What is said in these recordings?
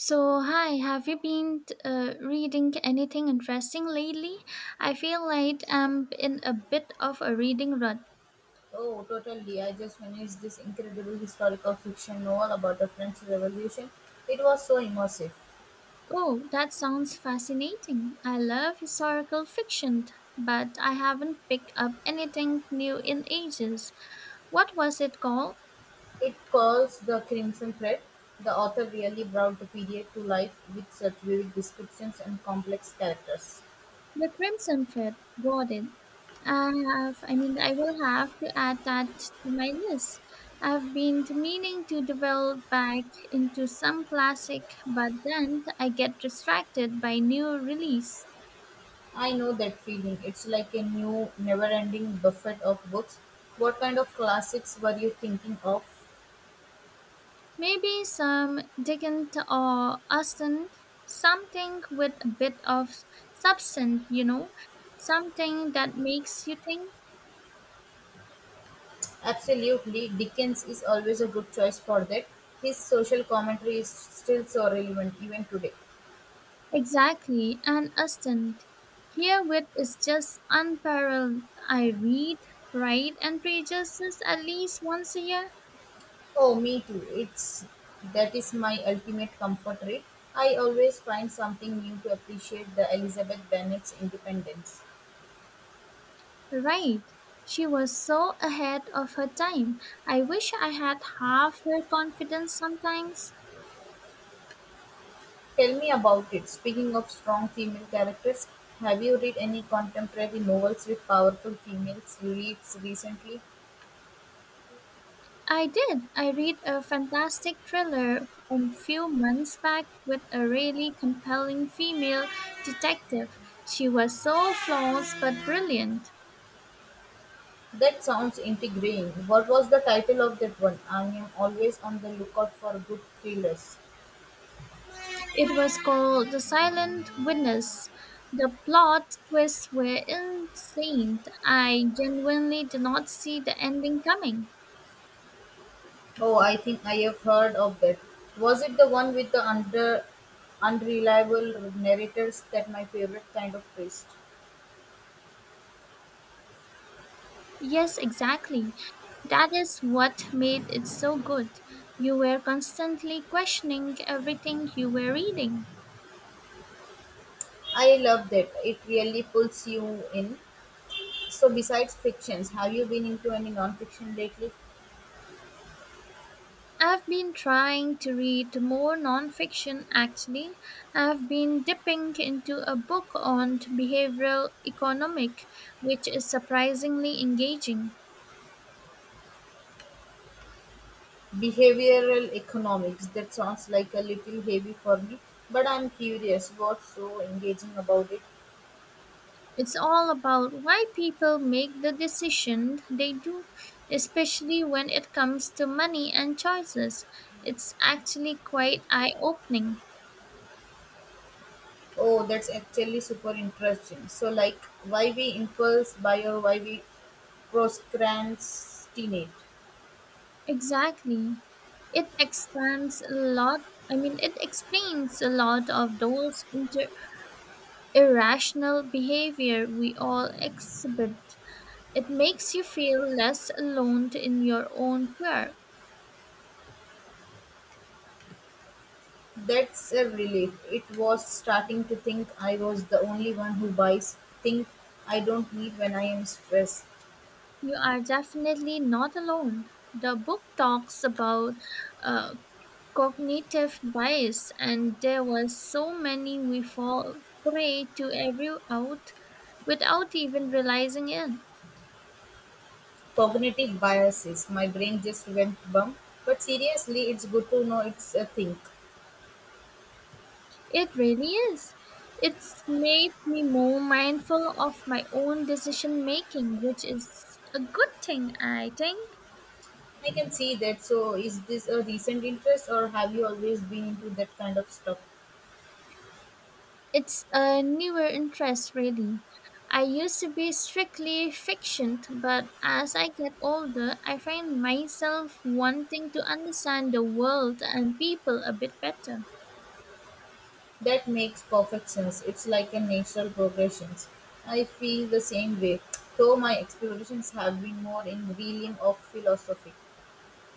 So, hi, have you been reading anything interesting lately? I feel like I'm in a bit of a reading rut. Oh, totally. I just finished this incredible historical fiction novel about the French Revolution. It was so immersive. Oh, that sounds fascinating. I love historical fiction, but I haven't picked up anything new in ages. What was it called? It calls The Crimson Thread. The author really brought the period to life with such vivid descriptions and complex characters. The crimson thread, got it. I I mean, I will have to add that to my list. I've been meaning to develop back into some classic, but then I get distracted by new release. I know that feeling. It's like a new, never ending buffet of books. What kind of classics were you thinking of? Maybe some Dickens or Austen, something with a bit of substance, you know, something that makes you think. Absolutely. Dickens is always a good choice for that. His social commentary is still so relevant even today. Exactly, and Aston. Here wit is just unparalleled. I read Pride and Prejudice at least once a year. Oh, me too. It's that is my ultimate comfort rate. I always find something new to appreciate the Elizabeth Bennet's independence. Right. She was so ahead of her time. I wish I had half her confidence sometimes. Tell me about it. Speaking of strong female characters, have you read any contemporary novels with powerful females leads recently? I did. I read a fantastic thriller a few months back with a really compelling female detective. She was so flawless but brilliant. That sounds intriguing. What was the title of that one? I am always on the lookout for good thrillers. It was called The Silent Witness. The plot twists were insane. I genuinely did not see the ending coming. Oh, I think I have heard of that. Was it the one with the under unreliable narrators that my favorite kind of twist? Yes, exactly. That is what made it so good. You were constantly questioning everything you were reading. I love that. It really pulls you in. So besides fictions, have you been into any non-fiction lately? I've been trying to read more nonfiction actually. I've been dipping into a book on behavioral economics, which is surprisingly engaging. Behavioral economics. That sounds like a little heavy for me, but I'm curious what's so engaging about it. It's all about why people make the decision they do, especially when it comes to money and choices. It's actually quite eye opening. Oh, that's actually super interesting. So like why we impulse buy or why we procrastinate. Exactly. It expands a lot. I mean, it explains a lot of those irrational behavior we all exhibit. It makes you feel less alone in your own fear. That's a relief. It was starting to think I was the only one who buys things I don't need when I am stressed. You are definitely not alone. The book talks about uh, cognitive bias and there were so many we fall prey to every out without even realizing it. Cognitive biases. My brain just went bump. But seriously, it's good to know it's a thing. It really is. It's made me more mindful of my own decision making, which is a good thing I think. I can see that. So, is this a recent interest or have you always been into that kind of stuff? It's a newer interest really. I used to be strictly fiction, but as I get older I find myself wanting to understand the world and people a bit better. That makes perfect sense. It's like a natural progression. I feel the same way, though my explorations have been more in realm of philosophy.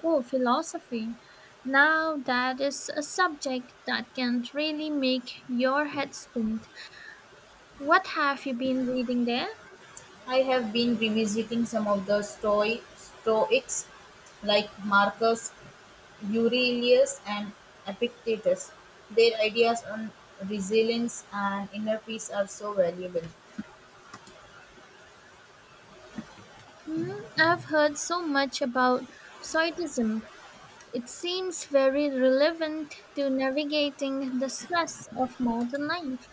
Oh, philosophy. Now that is a subject that can really make your head spin. What have you been reading there? I have been revisiting some of the Stoics like Marcus Aurelius and Epictetus. Their ideas on resilience and inner peace are so valuable. Mm, I've heard so much about Stoicism. It seems very relevant to navigating the stress of modern life.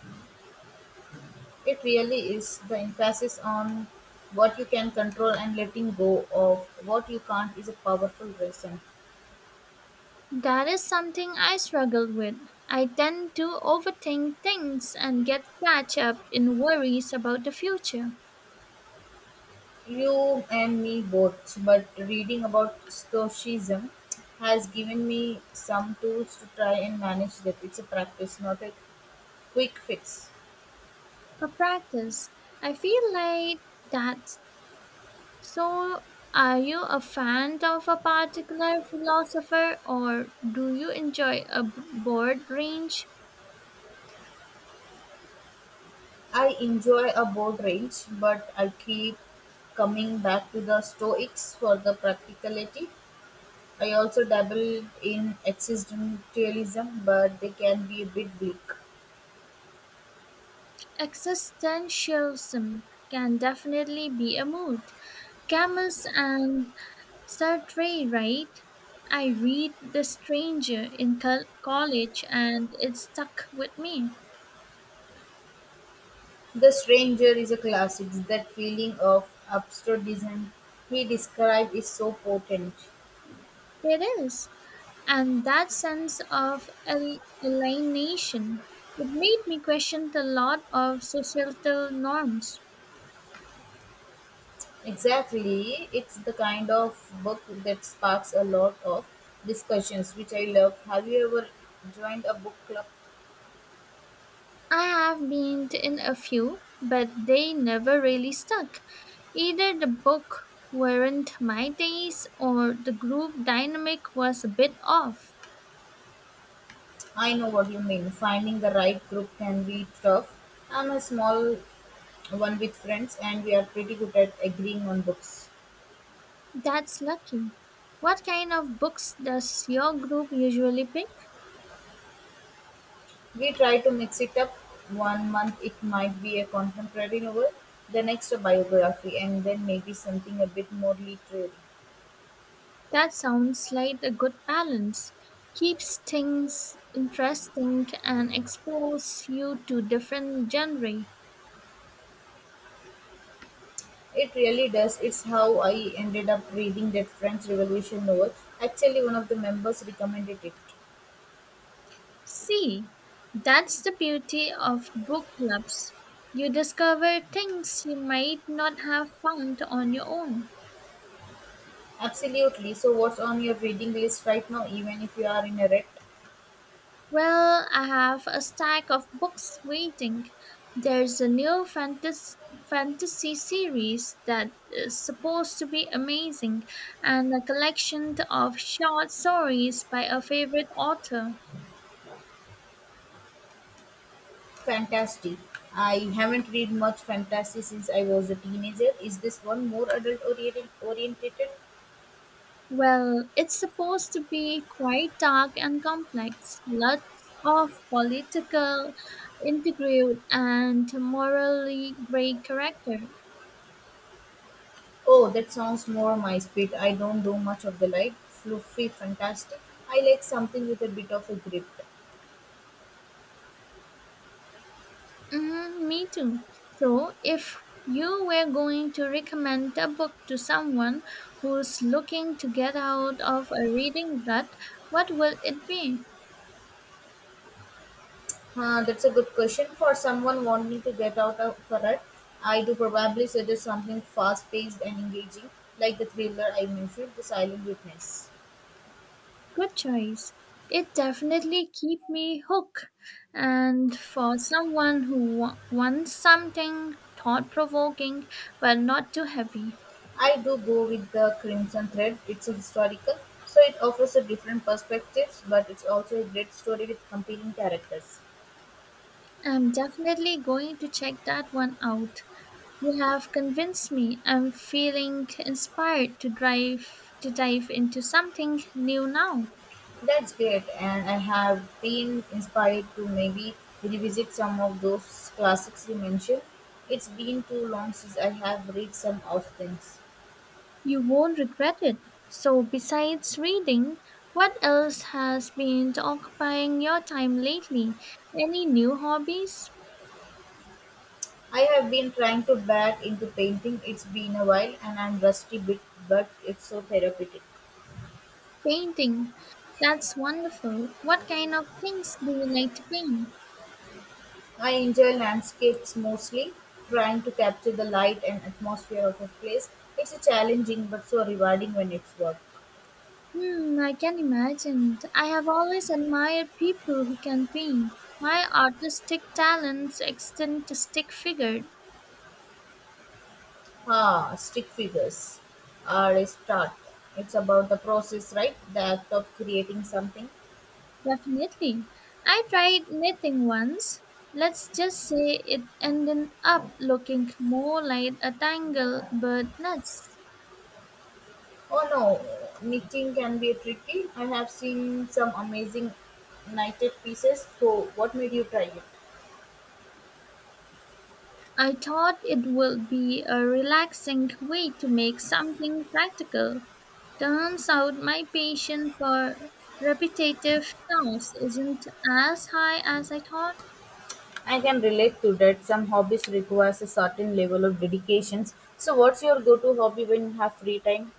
It really is the emphasis on what you can control and letting go of what you can't is a powerful lesson. That is something I struggle with. I tend to overthink things and get catch up in worries about the future. You and me both, but reading about Stoicism has given me some tools to try and manage that. It's a practice, not a Quick fix. A practice. I feel like that. So, are you a fan of a particular philosopher or do you enjoy a broad range? I enjoy a board range, but I keep coming back to the Stoics for the practicality. I also dabble in existentialism, but they can be a bit bleak. Existentialism can definitely be a mood. Camus and Sartre, right? I read The Stranger in college and it stuck with me. The Stranger is a classic. That feeling of absurdism he described is so potent. It is. And that sense of alienation, it made me question a lot of societal norms. Exactly, it's the kind of book that sparks a lot of discussions, which I love. Have you ever joined a book club? I have been in a few, but they never really stuck. Either the book weren't my taste or the group dynamic was a bit off. I know what you mean. Finding the right group can be tough. I'm a small one with friends, and we are pretty good at agreeing on books. That's lucky. What kind of books does your group usually pick? We try to mix it up. 1 month it might be a contemporary novel, the next a biography, and then maybe something a bit more literary. That sounds like a good balance. Keeps things interesting and exposes you to different genre. It really does. It's how I ended up reading that French Revolution novel. Actually, one of the members recommended it. See, that's the beauty of book clubs. You discover things you might not have found on your own. Absolutely. So, what's on your reading list right now, even if you are in a rut? Well, I have a stack of books waiting. There's a new fantasy series that is supposed to be amazing, and a collection of short stories by a favorite author. Fantasy. I haven't read much fantasy since I was a teenager. Is this one more adult oriented? Well, it's supposed to be quite dark and complex. Lots of political intrigue and morally gray character. Oh, that sounds more my speed. I don't do much of the light, fluffy fantastic. I like something with a bit of a grip. Mm, me too. So, if you were going to recommend a book to someone who's looking to get out of a reading rut, what will it be? Huh, that's a good question for someone wanting to get out of a rut. I do probably suggest something fast-paced and engaging, like the thriller I mentioned, The Silent Witness. Good choice. It definitely keep me hooked. And for someone who wants something thought provoking but not too heavy, I do go with the Crimson Thread. It's a historical, so it offers a different perspectives, but it's also a great story with compelling characters. I'm definitely going to check that one out. You have convinced me. I'm feeling inspired to drive to dive into something new now. That's great, and I have been inspired to maybe revisit some of those classics you mentioned. It's been too long since I have read some of things. You won't regret it. So besides reading, what else has been occupying your time lately? Any new hobbies? I have been trying to back into painting. It's been a while, and I'm rusty bit, but it's so therapeutic. Painting. That's wonderful. What kind of things do you like to paint? I enjoy landscapes mostly, trying to capture the light and atmosphere of a place. It's a challenging but so rewarding when it's work. Hmm, I can imagine. I have always admired people who can paint. My artistic talents extend to stick figure. Ah, stick figures are a start. It's about the process, right? The act of creating something. Definitely. I tried knitting once. Let's just say it ended up looking more like a tangle bird nest. Oh no, knitting can be tricky. I have seen some amazing knitted pieces. So, what made you try it? I thought it would be a relaxing way to make something practical. Turns out my patience for repetitive tasks isn't as high as I thought. I can relate to that. Some hobbies requires a certain level of dedications. So, what's your go-to hobby when you have free time?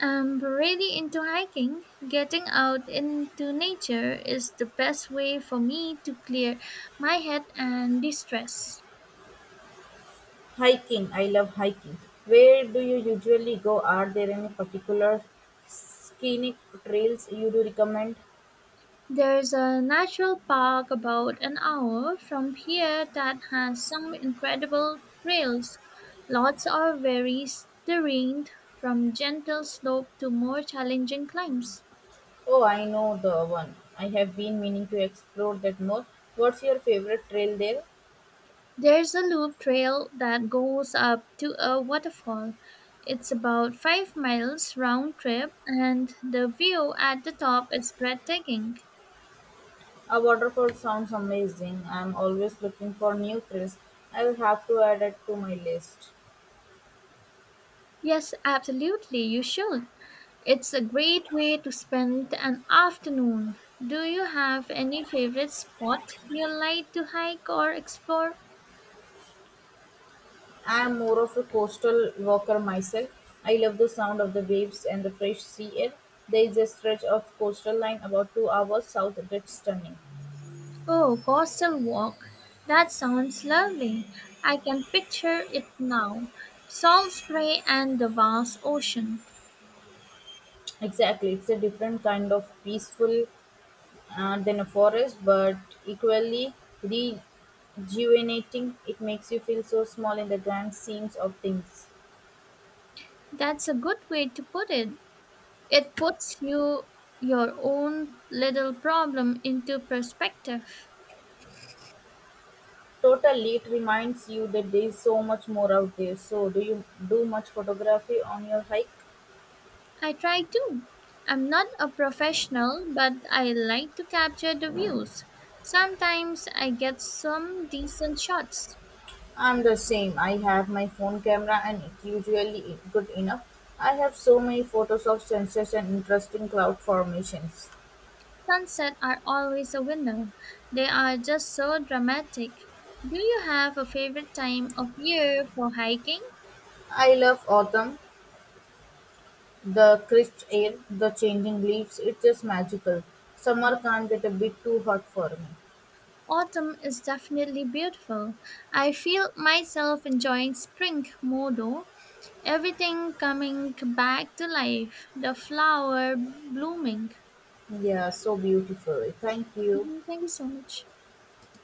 I'm really into hiking. Getting out into nature is the best way for me to clear my head and de-stress. Hiking. I love hiking. Where do you usually go? Are there any particular scenic trails you do recommend? There's a natural park about an hour from here that has some incredible trails. Lots are very terrain, from gentle slope to more challenging climbs. Oh, I know the one. I have been meaning to explore that more. What's your favorite trail there? There's a loop trail that goes up to a waterfall. It's about 5 miles round trip and the view at the top is breathtaking. A waterfall sounds amazing. I'm always looking for new trails. I will have to add it to my list. Yes, absolutely, you should. It's a great way to spend an afternoon. Do you have any favorite spot you like to hike or explore? I am more of a coastal walker myself. I love the sound of the waves and the fresh sea air. There is a stretch of coastal line about 2 hours south that's stunning. Oh, coastal walk. That sounds lovely. I can picture it now. Salt spray and the vast ocean. Exactly, it's a different kind of peaceful than a forest, but equally rejuvenating. It makes you feel so small in the grand scenes of things. That's a good way to put it. It puts you your own little problem into perspective. Totally, it reminds you that there is so much more out there. So, do you do much photography on your hike? I try to. I'm not a professional, but I like to capture the views. Sometimes I get some decent shots. I'm the same. I have my phone camera and it's usually is good enough. I have so many photos of sunsets and interesting cloud formations. Sunsets are always a winner. They are just so dramatic. Do you have a favorite time of year for hiking? I love autumn. The crisp air, the changing leaves, it is just magical. Summer can't get a bit too hot for me. Autumn is definitely beautiful. I feel myself enjoying spring more though. Everything coming back to life, the flower blooming. Yeah, so beautiful. Thank you. Mhm, thank you so much.